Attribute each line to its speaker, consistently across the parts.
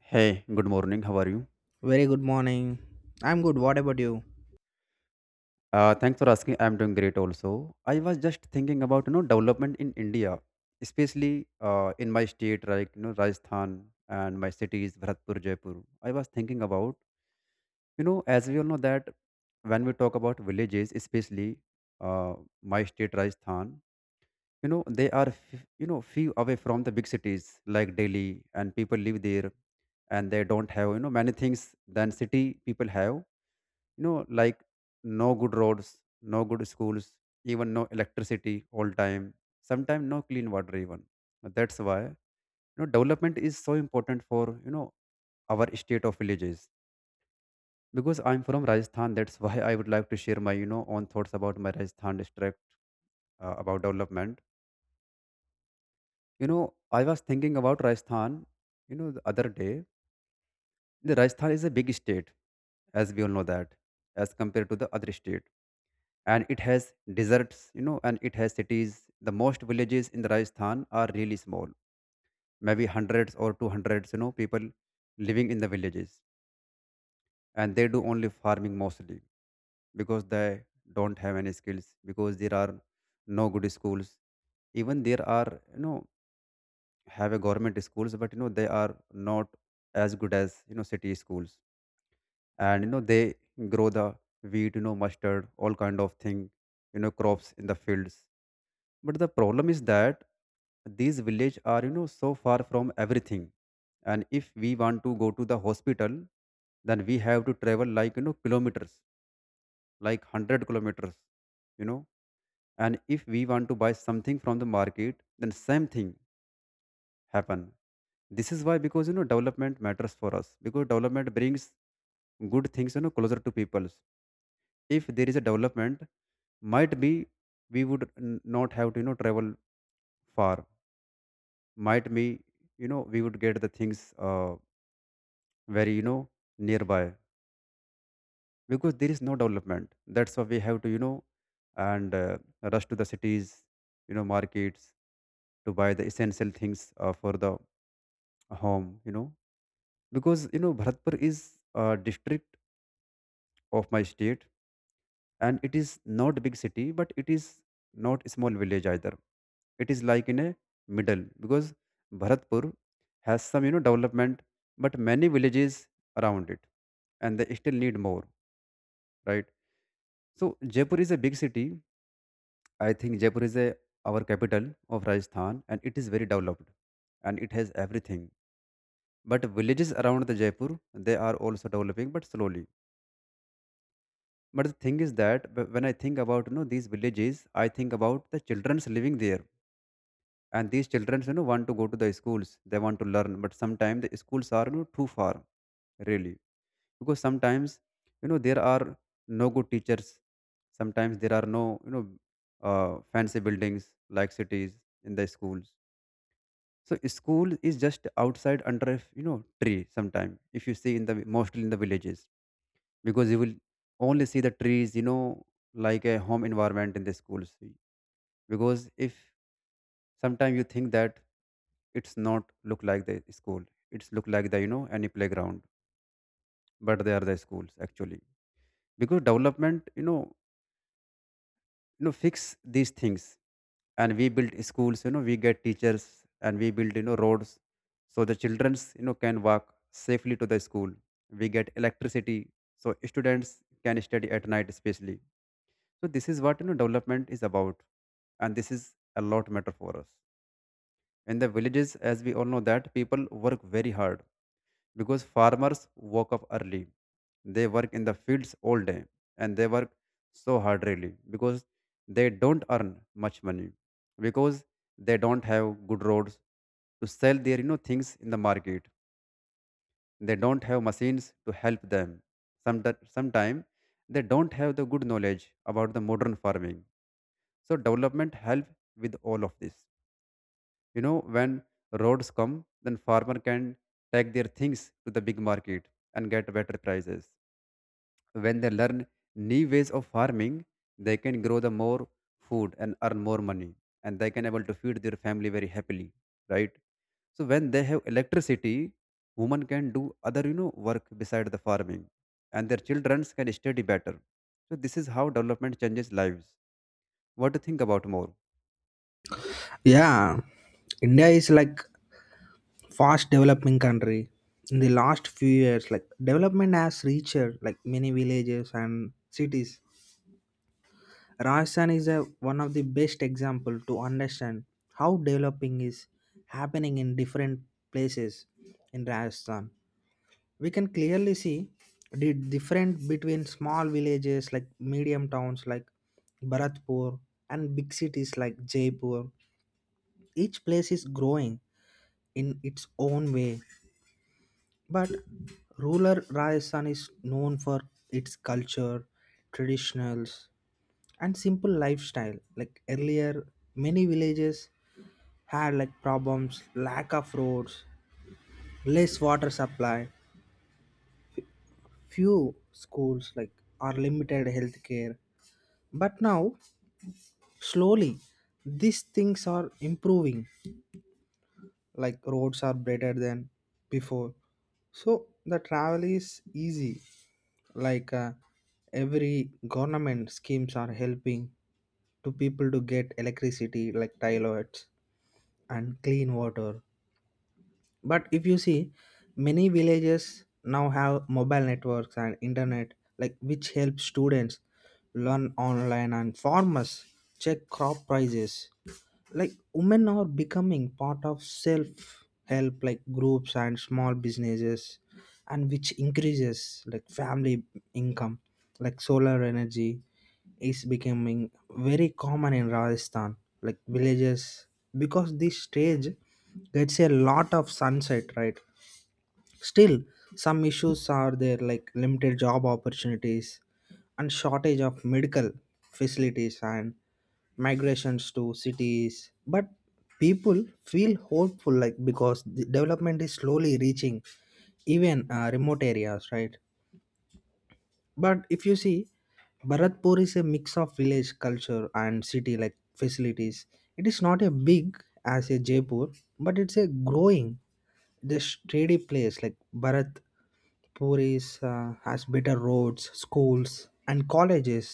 Speaker 1: Hey, good morning. How are you?
Speaker 2: Very good morning. I'm good. What about you?
Speaker 1: Thanks for asking. I'm doing great also. I was just thinking about development in India, especially in my state, like, Rajasthan, and my cities, Bharatpur, Jaipur. I was thinking about, as we all know, that when we talk about villages, especially uh, my state, Rajasthan, they are few away from the big cities like Delhi, and people live there, and they don't have many things than city people have, like, no good roads, no good schools, even no electricity all time, sometimes no clean water even. That's why development is so important for our state of villages, because I'm from Rajasthan. That's why I would like to share my own thoughts about my Rajasthan district, about development. I was thinking about Rajasthan, the other day. The Rajasthan is a big state, as we all know, that as compared to the other state, and it has deserts, and it has cities. The most villages in the Rajasthan are really small, maybe hundreds or two hundreds, people living in the villages, and they do only farming mostly, because they don't have any skills, because there are no good schools. Even there are, have a government schools, but they are not as good as city schools. And they grow the wheat, mustard, all kind of thing, crops in the fields. But the problem is that these villages are so far from everything. And if we want to go to the hospital, then we have to travel like, kilometers, like 100 kilometers. you know. And if we want to buy something from the market, then same thing happen. This is why, because, development matters for us, because development brings good things closer to people. If there is a development, might be we would not have to travel far, might be we would get the things very nearby. Because there is no development, that's why we have to and rush to the cities, markets, to buy the essential things for the home. Because Bharatpur is a district of my state, and it is not big city, but it is not small village either. It is like in a middle, because Bharatpur has some development, but many villages around it, and they still need more, right? So Jaipur is a big city. I think Jaipur is a our capital of Rajasthan, and it is very developed, and it has everything, but villages around the Jaipur, they are also developing, but slowly. But the thing is that when I think about these villages, I think about the children's living there. And these children want to go to the schools, they want to learn, but sometimes the schools are too far, really. Because sometimes there are no good teachers, sometimes there are no fancy buildings like cities in the schools. So school is just outside under a tree sometime, if you see in the mostly in the villages, because you will only see the trees, like a home environment in the schools. Because if sometime you think that, it's not look like the school, it's look like the any playground, but they are the schools actually. Because development fix these things, and we build schools, we get teachers, and we build roads, so the childrens can walk safely to the school. We get electricity, so students can study at night especially. So this is what development is about, and this is a lot matter for us. In the villages, as we all know, that people work very hard, because farmers woke up early, they work in the fields all day, and they work so hard, really, because they don't earn much money, because they don't have good roads to sell their things in the market, they don't have machines to help them sometimes, they don't have the good knowledge about the modern farming. So development help with all of this. When roads come, then farmer can take their things to the big market, and get better prices. When they learn new ways of farming, they can grow the more food and earn more money, and they can able to feed their family very happily, right? So when they have electricity, women can do other work beside the farming, and their children can study better. So this is how development changes lives. What do you think about more?
Speaker 2: Yeah, India is like fast developing country. In the last few years, like development has reached like many villages and cities. Rajasthan is one of the best example to understand how developing is happening in different places in Rajasthan. We can clearly see the difference between small villages like medium towns like Bharatpur and big cities like Jaipur. Each place is growing in its own way, but rural Rajasthan is known for its culture, traditionals, and simple lifestyle. Like earlier, many villages had like problems, lack of roads, less water supply, few schools like or limited healthcare. But now, slowly, these things are improving. Like roads are better than before, so the travel is easy, like every government schemes are helping to people to get electricity like toilets and clean water. But if you see, many villages now have mobile networks and internet, like which helps students learn online and farmers check crop prices. Like women are becoming part of self help like groups and small businesses, and which increases like family income. Like solar energy is becoming very common in Rajasthan, like villages, because this stage gets a lot of sunset, right? Still, some issues are there like limited job opportunities and shortage of medical facilities and migrations to cities, but people feel hopeful, like because the development is slowly reaching even remote areas, right? But if you see, Bharatpur is a mix of village culture and city like facilities. It is not a big as a Jaipur, but it's a growing the shady place. Like Bharatpur is has better roads, schools and colleges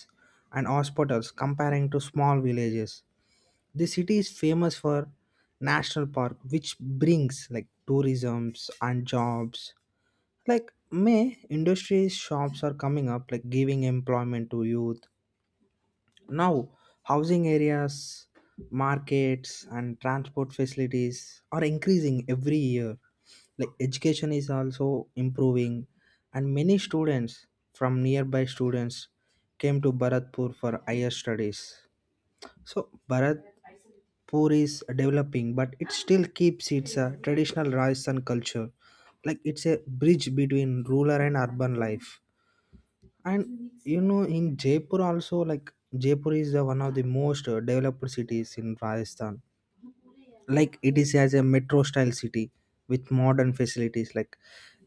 Speaker 2: and hospitals comparing to small villages. The city is famous for national park, which brings like tourisms and jobs. Like may industries, shops are coming up, like giving employment to youth. Now housing areas, markets and transport facilities are increasing every year. Like education is also improving, and many students from nearby students came to Bharatpur for higher studies. So Bharat Puri is developing, but it still keeps its traditional Rajasthan culture. Like it's a bridge between rural and urban life. And you know, in Jaipur also, like Jaipur is the one of the most developed cities in Rajasthan. Like it is as a metro style city with modern facilities. Like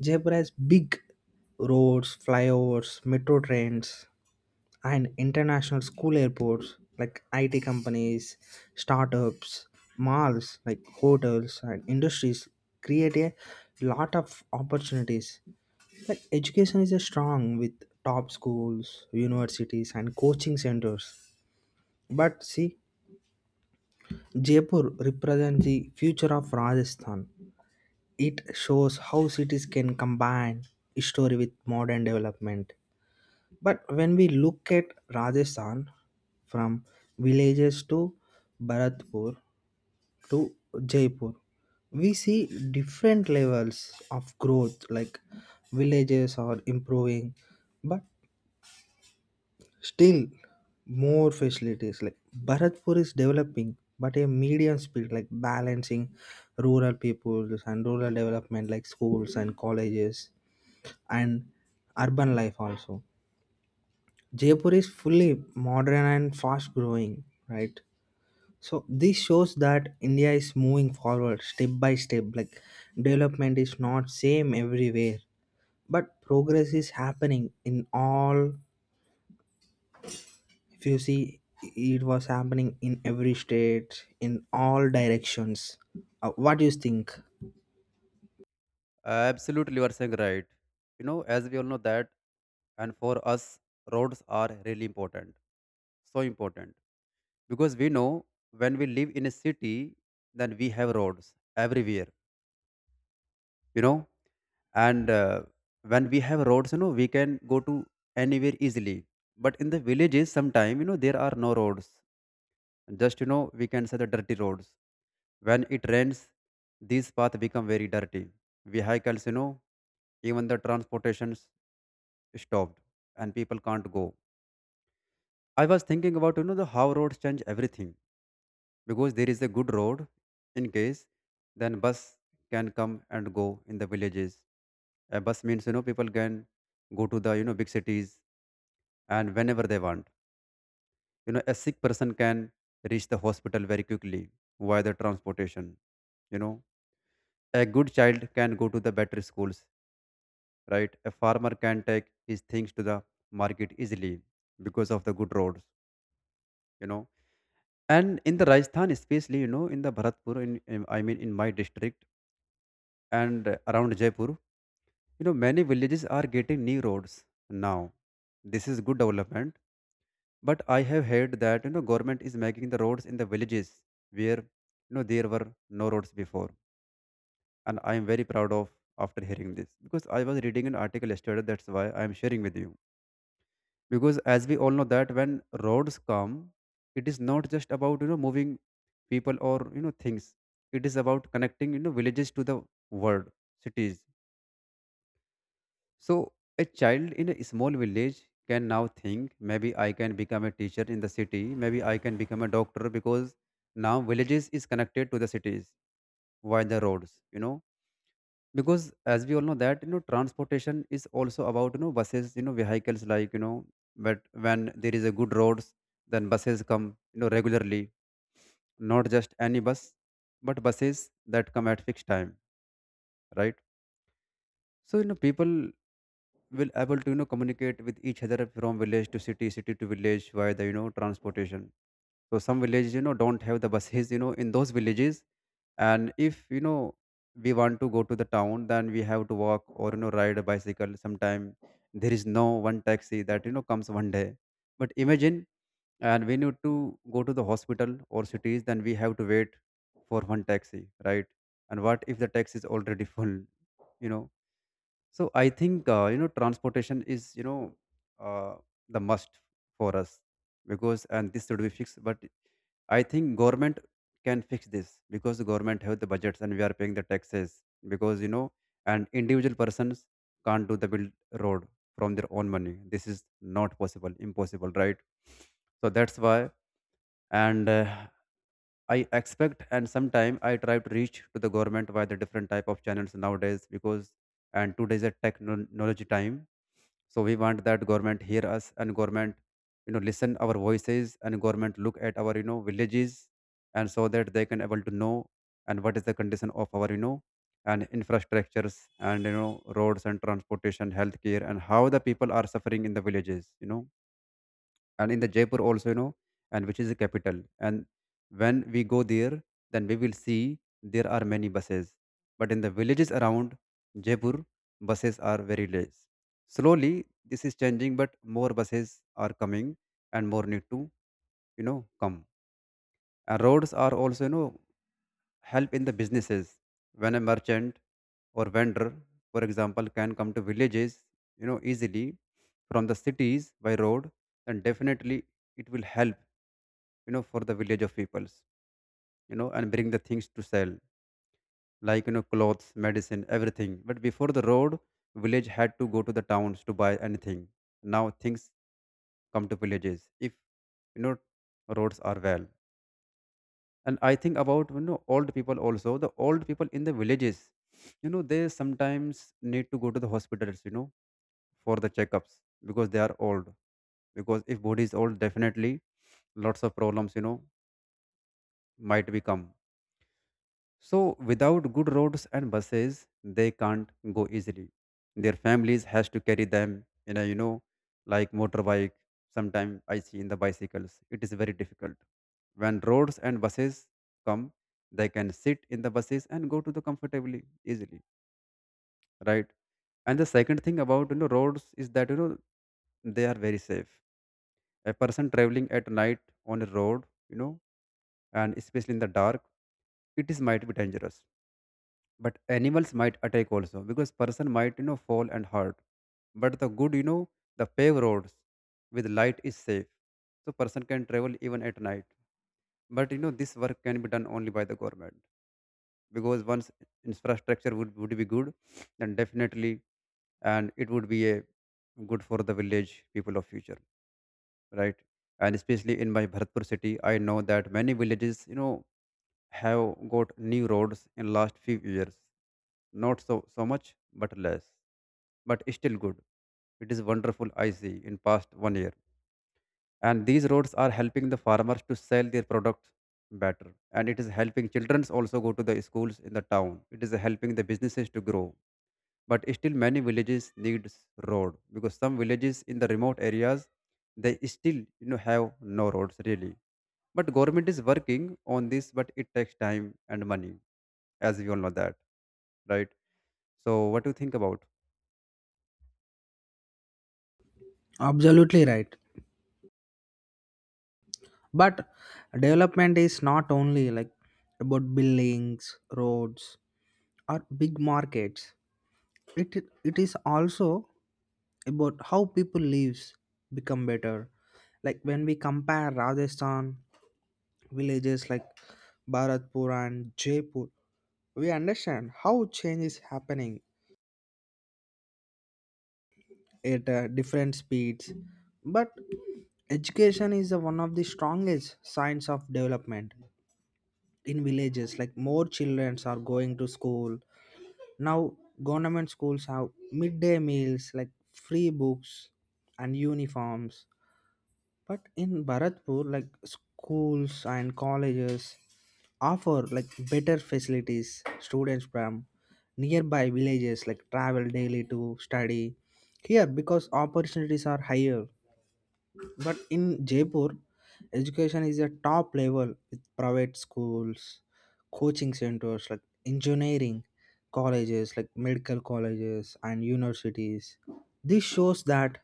Speaker 2: Jaipur has big roads, flyovers, metro trains, and international school airports like IT companies, startups, malls like hotels and industries create a lot of opportunities. Like education is a strong with top schools, universities and coaching centers. But see, Jaipur represents the future of Rajasthan. It shows how cities can combine history with modern development. But when we look at Rajasthan, from villages to Bharatpur to Jaipur, we see different levels of growth, like villages are improving, but still more facilities. Like Bharatpur is developing, but a medium speed, like balancing rural peoples and rural development, like schools and colleges and urban life also. Jaipur is fully modern and fast growing, right? So this shows that India is moving forward step by step. Like development is not same everywhere, but progress is happening in all. If you see, it was happening in every state, in all directions. What do you think?
Speaker 1: Absolutely, you are saying right. As we all know that, and for us, roads are really important. So important. Because we know, when we live in a city, then we have roads everywhere, you know. And when we have roads, we can go to anywhere easily. But in the villages, sometime, there are no roads. Just, we can say the dirty roads. When it rains, these paths become very dirty. Vehicles, even the transportations stopped, and people can't go. I was thinking about the how roads change everything, because there is a good road, in case then bus can come and go in the villages. A bus means people can go to the big cities and whenever they want. A sick person can reach the hospital very quickly via the transportation. You know a good child can go to the better schools, right? A farmer can take his things to the market easily because of the good roads. You know And in the Rajasthan, especially, in the Bharatpur, in I mean, in my district and around Jaipur, many villages are getting new roads now. This is good development, but I have heard that government is making the roads in the villages where there were no roads before, and I am very proud of after hearing this, because I was reading an article yesterday. That's why I am sharing with you, because as we all know, that when roads come, it is not just about moving people or things, it is about connecting villages to the world, cities. So a child in a small village can now think, maybe I can become a teacher in the city, maybe I can become a doctor, because now villages is connected to the cities via the roads. Because as we all know, that transportation is also about buses, vehicles, like. But when there is a good roads, then buses come regularly, not just any bus, but buses that come at fixed time, right? So people will able to communicate with each other from village to city, city to village, via the transportation. So some villages don't have the buses in those villages. And if we want to go to the town, then we have to walk or ride a bicycle sometime. There is no one taxi that comes one day. But imagine, and we need to go to the hospital or cities, then we have to wait for one taxi, right? And what if the taxi is already full you know so I think transportation is uh, the must for us. Because, and this should be fixed, but I think government can fix this, because the government have the budgets, and we are paying the taxes, because, and individual persons can't do the build road from their own money. This is not possible, impossible, right? So that's why, and I expect, and sometime I try to reach to the government via the different type of channels nowadays, because, and today is a technology time. So we want that government hear us and government, listen our voices, and government look at our, villages, and so that they can able to know and what is the condition of our, and infrastructures and roads and transportation, healthcare, and how the people are suffering in the villages, and in the Jaipur also, and which is the capital. And when we go there, then we will see there are many buses, but in the villages around Jaipur buses are very less. Slowly this is changing, but more buses are coming, and more need to you know come. And roads are also, help in the businesses. When a merchant or vendor, for example, can come to villages, easily, from the cities by road, then definitely it will help, for the village of peoples, and bring the things to sell, like, clothes, medicine, everything. But before the road, village had to go to the towns to buy anything. Now things come to villages if, you know roads are well. And I think about, old people also. The old people in the villages, they sometimes need to go to the hospitals, for the checkups, because they are old. Because if body is old, definitely lots of problems, might become. So without good roads and buses, they can't go easily. Their families has to carry them in a, like motorbike. Sometimes I see in the bicycles. It is very difficult. When roads and buses come, they can sit in the buses and go to the comfortably easily, right? And the second thing about, roads is that, they are very safe. A person traveling at night on a road, and especially in the dark, it is might be dangerous, but animals might attack also, because person might, fall and hurt. But the good, the paved roads with light is safe, so person can travel even at night. But this work can be done only by the government, because once infrastructure would be good, then definitely, and it would be a good for the village people of future, right? And especially in my Bharatpur city, I know that many villages, have got new roads in last few years. Not so much, but less, but still good. It is wonderful I see in past one year. And these roads are helping the farmers to sell their products better. And it is helping childrens also go to the schools in the town. It is helping the businesses to grow. But still many villages needs road, because some villages in the remote areas, they still, have no roads really. But government is working on this, but it takes time and money, as we all know that, right? So, what do you think about?
Speaker 2: Absolutely right. But development is not only like about buildings, roads, or big markets. it it is also about how people lives become better. Like when we compare Rajasthan villages like Bharatpur and Jaipur, we understand how change is happening at different speeds. But education is the one of the strongest signs of development. In villages, like more children are going to school now. Government schools have midday meals, like free books and uniforms. But in Bharatpur, like schools and colleges offer like better facilities. Students from nearby villages like travel daily to study here, because opportunities are higher. But in Jaipur, education is at top level with private schools, coaching centers like engineering colleges, like medical colleges and universities. This shows that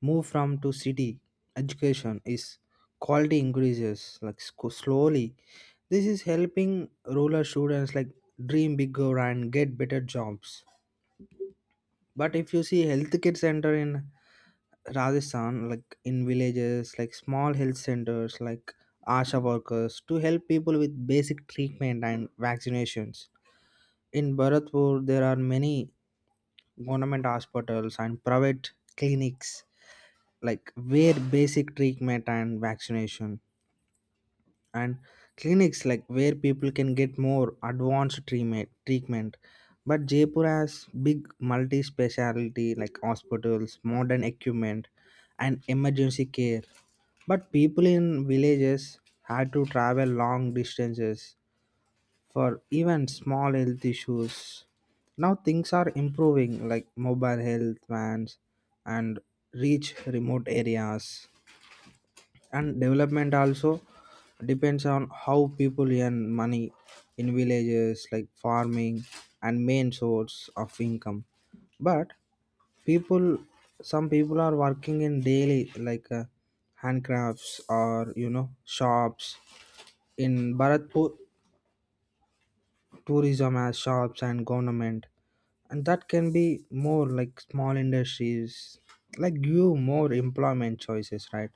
Speaker 2: move from to city education is quality increases like slowly. This is helping rural students like dream bigger and get better jobs. But if you see healthcare center in Rajasthan, like in villages, like small health centers like asha workers to help people with basic treatment and vaccinations. In Bharatpur, there are many government hospitals and private clinics, like where basic treatment and vaccination and clinics, like where people can get more advanced treatment. But Jaipur has big multi speciality like hospitals, modern equipment and emergency care. But people in villages had to travel long distances for even small health issues. Now things are improving like mobile health vans and reach remote areas. And development also depends on how people earn money. In villages, like farming and main source of income, but people, some people are working in daily like handcrafts or you know shops. In Bharatpur, tourism has shops and government, and that can be more like small industries, like give more employment choices, right?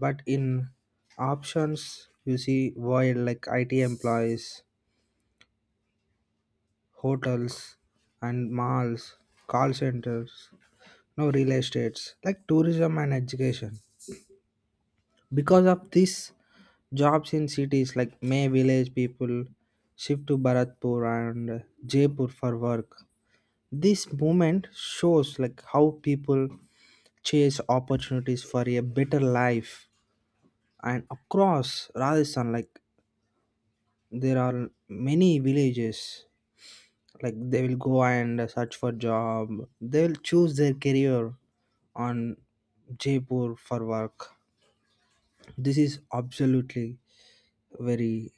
Speaker 2: But in options, you see void like IT employees, hotels and malls, call centers, no real estates like tourism and education. Because of this, jobs in cities like may village people shift to Bharatpur and Jaipur for work. This movement shows like how people chase opportunities for a better life. And across Rajasthan, like there are many villages like they will go and search for job. They will choose their career on Jaipur for work. This is absolutely very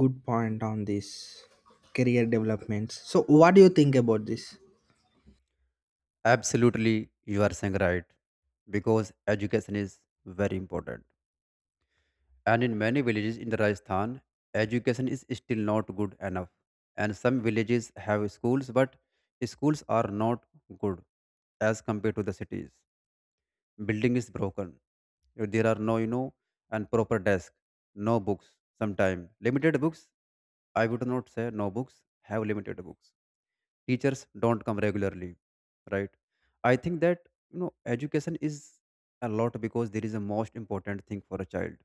Speaker 2: good point on this career developments. So what do you think about this?
Speaker 1: Absolutely, you are saying right, because education is very important. And in many villages in the Rajasthan, education is still not good enough. And some villages have schools, but schools are not good as compared to the cities. Building is broken. There are no, and proper desk, no books, sometime limited books. I would not say no books, have limited books. Teachers don't come regularly, right? I think that, education is a lot, because there is a most important thing for a child.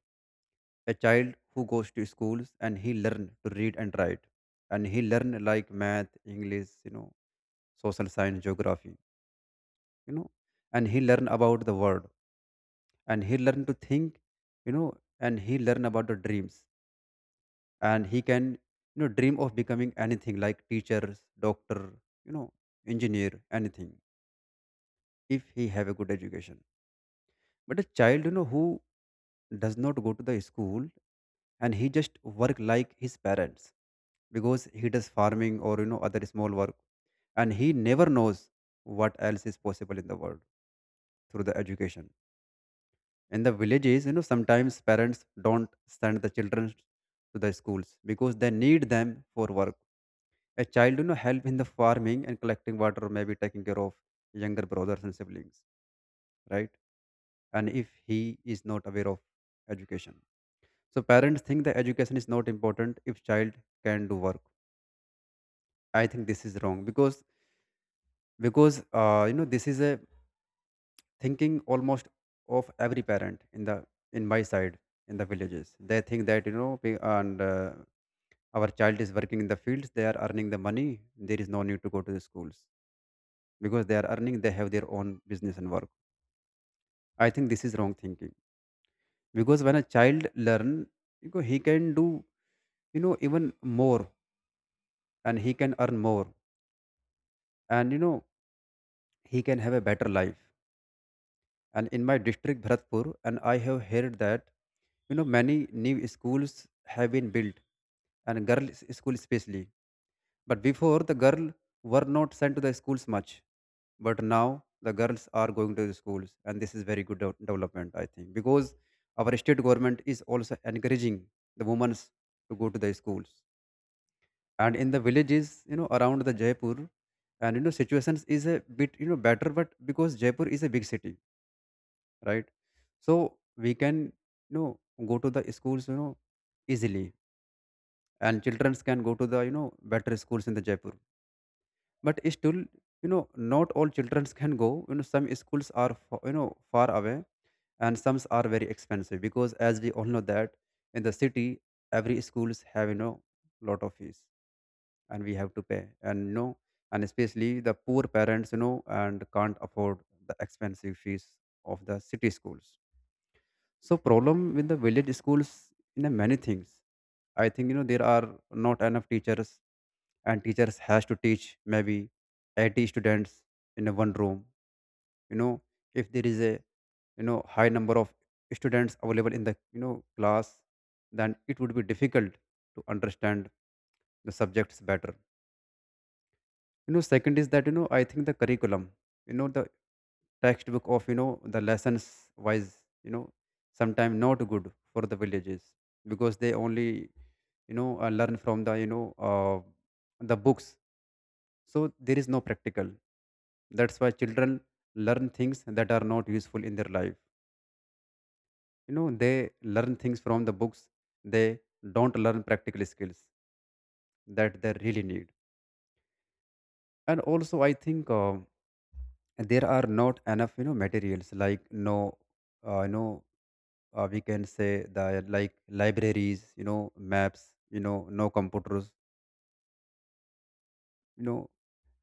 Speaker 1: A child who goes to schools and he learn to read and write, and he learn like math, english, social science, geography, you know and he learn about the world, and he learn to think, you know and he learn about the dreams, and he can, dream of becoming anything, like teachers, doctor, you know engineer, anything, if he have a good education. But a child, who does not go to the school, and he just work like his parents, because he does farming or, other small work, and he never knows what else is possible in the world through the education. In the villages, sometimes parents don't send the children to the schools, because they need them for work. A child, help in the farming and collecting water, or maybe taking care of younger brothers and siblings, right? And if he is not aware of education, so parents think that education is not important if child can do work. I think this is wrong, because this is a thinking almost of every parent in the in my side, in the villages. They think that, we- and our child is working in the fields, they are earning the money. There is no need to go to the schools, because they are earning, they have their own business and work. I think this is wrong thinking, because when a child learn, he can do, even more, and he can earn more, and he can have a better life. And in my district Bharatpur, and I have heard that, many new schools have been built, and girls school especially. But before the girl were not sent to the schools much, but now the girls are going to the schools, and this is very good development, I think, because our state government is also encouraging the women to go to the schools. And in the villages, around the Jaipur, and situations is a bit, better, but because Jaipur is a big city, right? So we can, you know go to the schools, easily, and children can go to the, better schools in the Jaipur. But still, not all children can go, some schools are far away, and some are very expensive, because as we all know that in the city, every schools have, lot of fees, and we have to pay, and, and especially the poor parents, and can't afford the expensive fees of the city schools. So problem with the village schools in, many things. I think, there are not enough teachers, and teachers has to teach maybe 80 students in a one room, you know if there is a, high number of students available in the, class, then it would be difficult to understand the subjects better. Second is that, I think the curriculum, the textbook of, the lessons wise, you know sometimes not good for the villages, because they only, learn from the, the books. So there is no practical. That's why children learn things that are not useful in their life. They learn things from the books. They don't learn practical skills that they really need. And also, I think there are not enough, materials, like no, uh, you know, we can say the like libraries, maps, no computers, you know,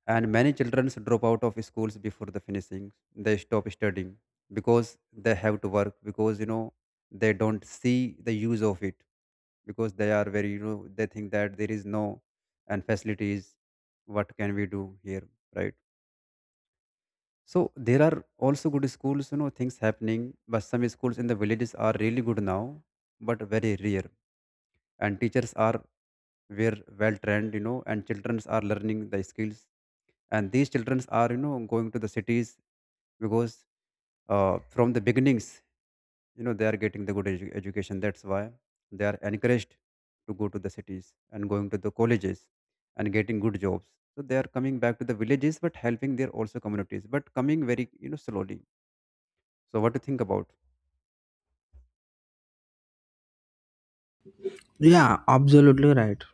Speaker 1: and many children drop out of schools before the finishing, they stop studying, because they have to work, because they don't see the use of it, because they are very, they think that there is no and facilities, what can we do here, right? So there are also good schools, things happening, but some schools in the villages are really good now, but very rare. And teachers are were well trained, and children are learning the skills, and these children are, going to the cities, because from the beginnings, they are getting the good education, that's why they are encouraged to go to the cities and going to the colleges, and getting good jobs. So they are coming back to the villages, but helping their also communities, but coming very, slowly. So what do you think about?
Speaker 2: Yeah, absolutely right.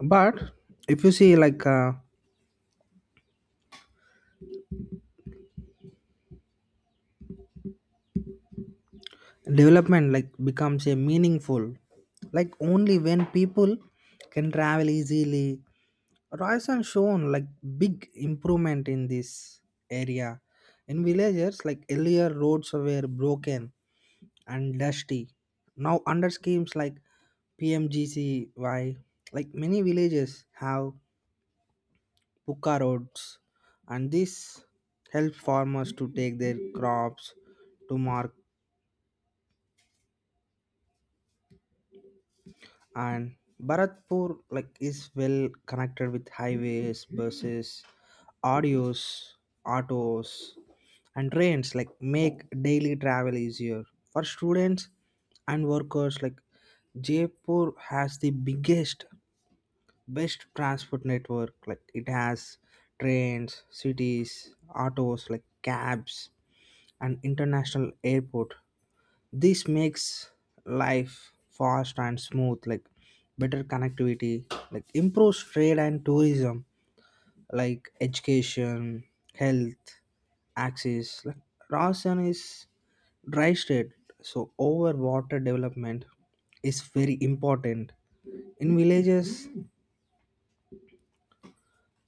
Speaker 2: But if you see like development like becomes a meaningful like only when people can travel easily. Royson shown like big improvement in this area. In villages like earlier, roads were broken and dusty. Now under schemes like PMGCY, like many villages have puka roads, and this helps farmers to take their crops to market. And Bharatpur like is well connected with highways, buses, audios, autos, and trains, like make daily travel easier for students and workers. Like Jaipur has the biggest best transport network. Like it has trains, cities, autos like cabs and international airport. This makes life fast and smooth, like better connectivity, like improves trade and tourism, like education, health access. Like Rajasthan is dry state, so over water development is very important. In villages,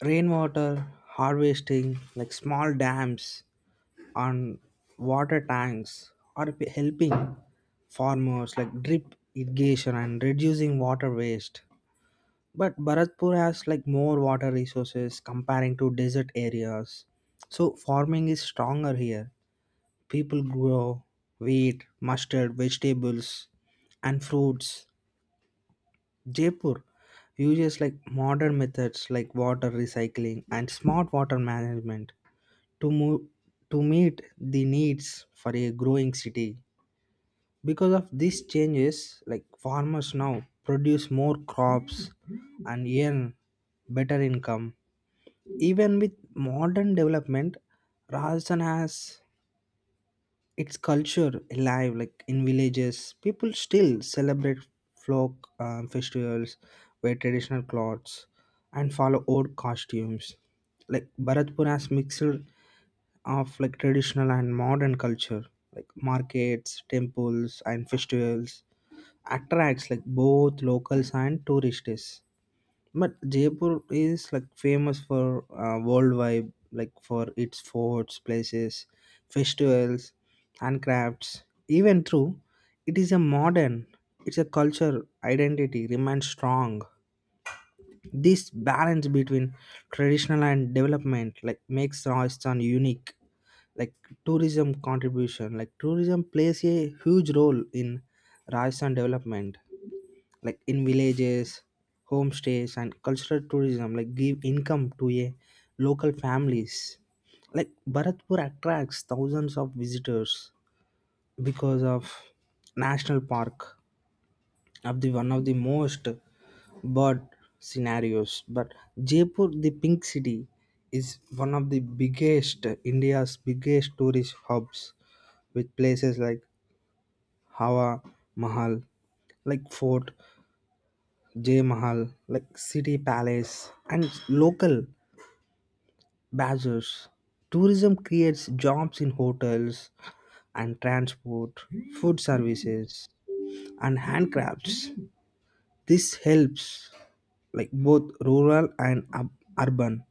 Speaker 2: rainwater harvesting, like small dams and water tanks are helping farmers like drip irrigation and reducing water waste. But Bharatpur has like more water resources comparing to desert areas, so farming is stronger here. People grow wheat, mustard, vegetables and fruits. Jaipur uses like modern methods like water recycling and smart water management to move to meet the needs for a growing city. Because of these changes, like farmers now produce more crops and earn better income. Even with modern development, Rajasthan has its culture alive. Like in villages, people still celebrate folk festivals, wear traditional clothes and follow old costumes. Like Bharatpur has mixed of like traditional and modern culture, like markets, temples and festivals attracts like both locals and tourists. But Jaipur is like famous for worldwide, like for its forts, places, festivals and crafts. Even through it is a modern, it's a culture identity remains strong. This balance between traditional and development like makes Rajasthan unique. Like tourism contribution, like tourism plays a huge role in Rajasthan development. Like in villages, homestays and cultural tourism like give income to a local families. Like Bharatpur attracts thousands of visitors because of national park, of the one of the most bad scenarios. But Jaipur, the pink city, is one of the biggest India's biggest tourist hubs with places like Hawa Mahal, like fort, Jay Mahal, like city palace and local bazaars. Tourism creates jobs in hotels and transport, food services and handcrafts. This helps like both rural and urban.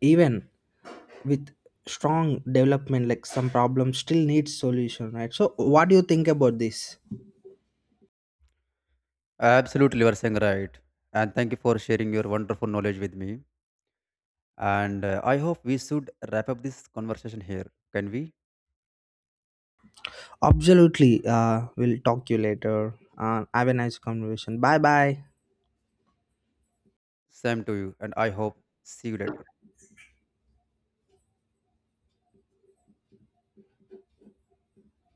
Speaker 2: Even with strong development, like some problems still need solution, right? So what do you think about this?
Speaker 1: Absolutely, you are saying right. And thank you for sharing your wonderful knowledge with me. And I hope we should wrap up this conversation here. Can we?
Speaker 2: Absolutely, we'll talk you later. Have a nice conversation. Bye bye.
Speaker 1: Same to you, and I hope see you later.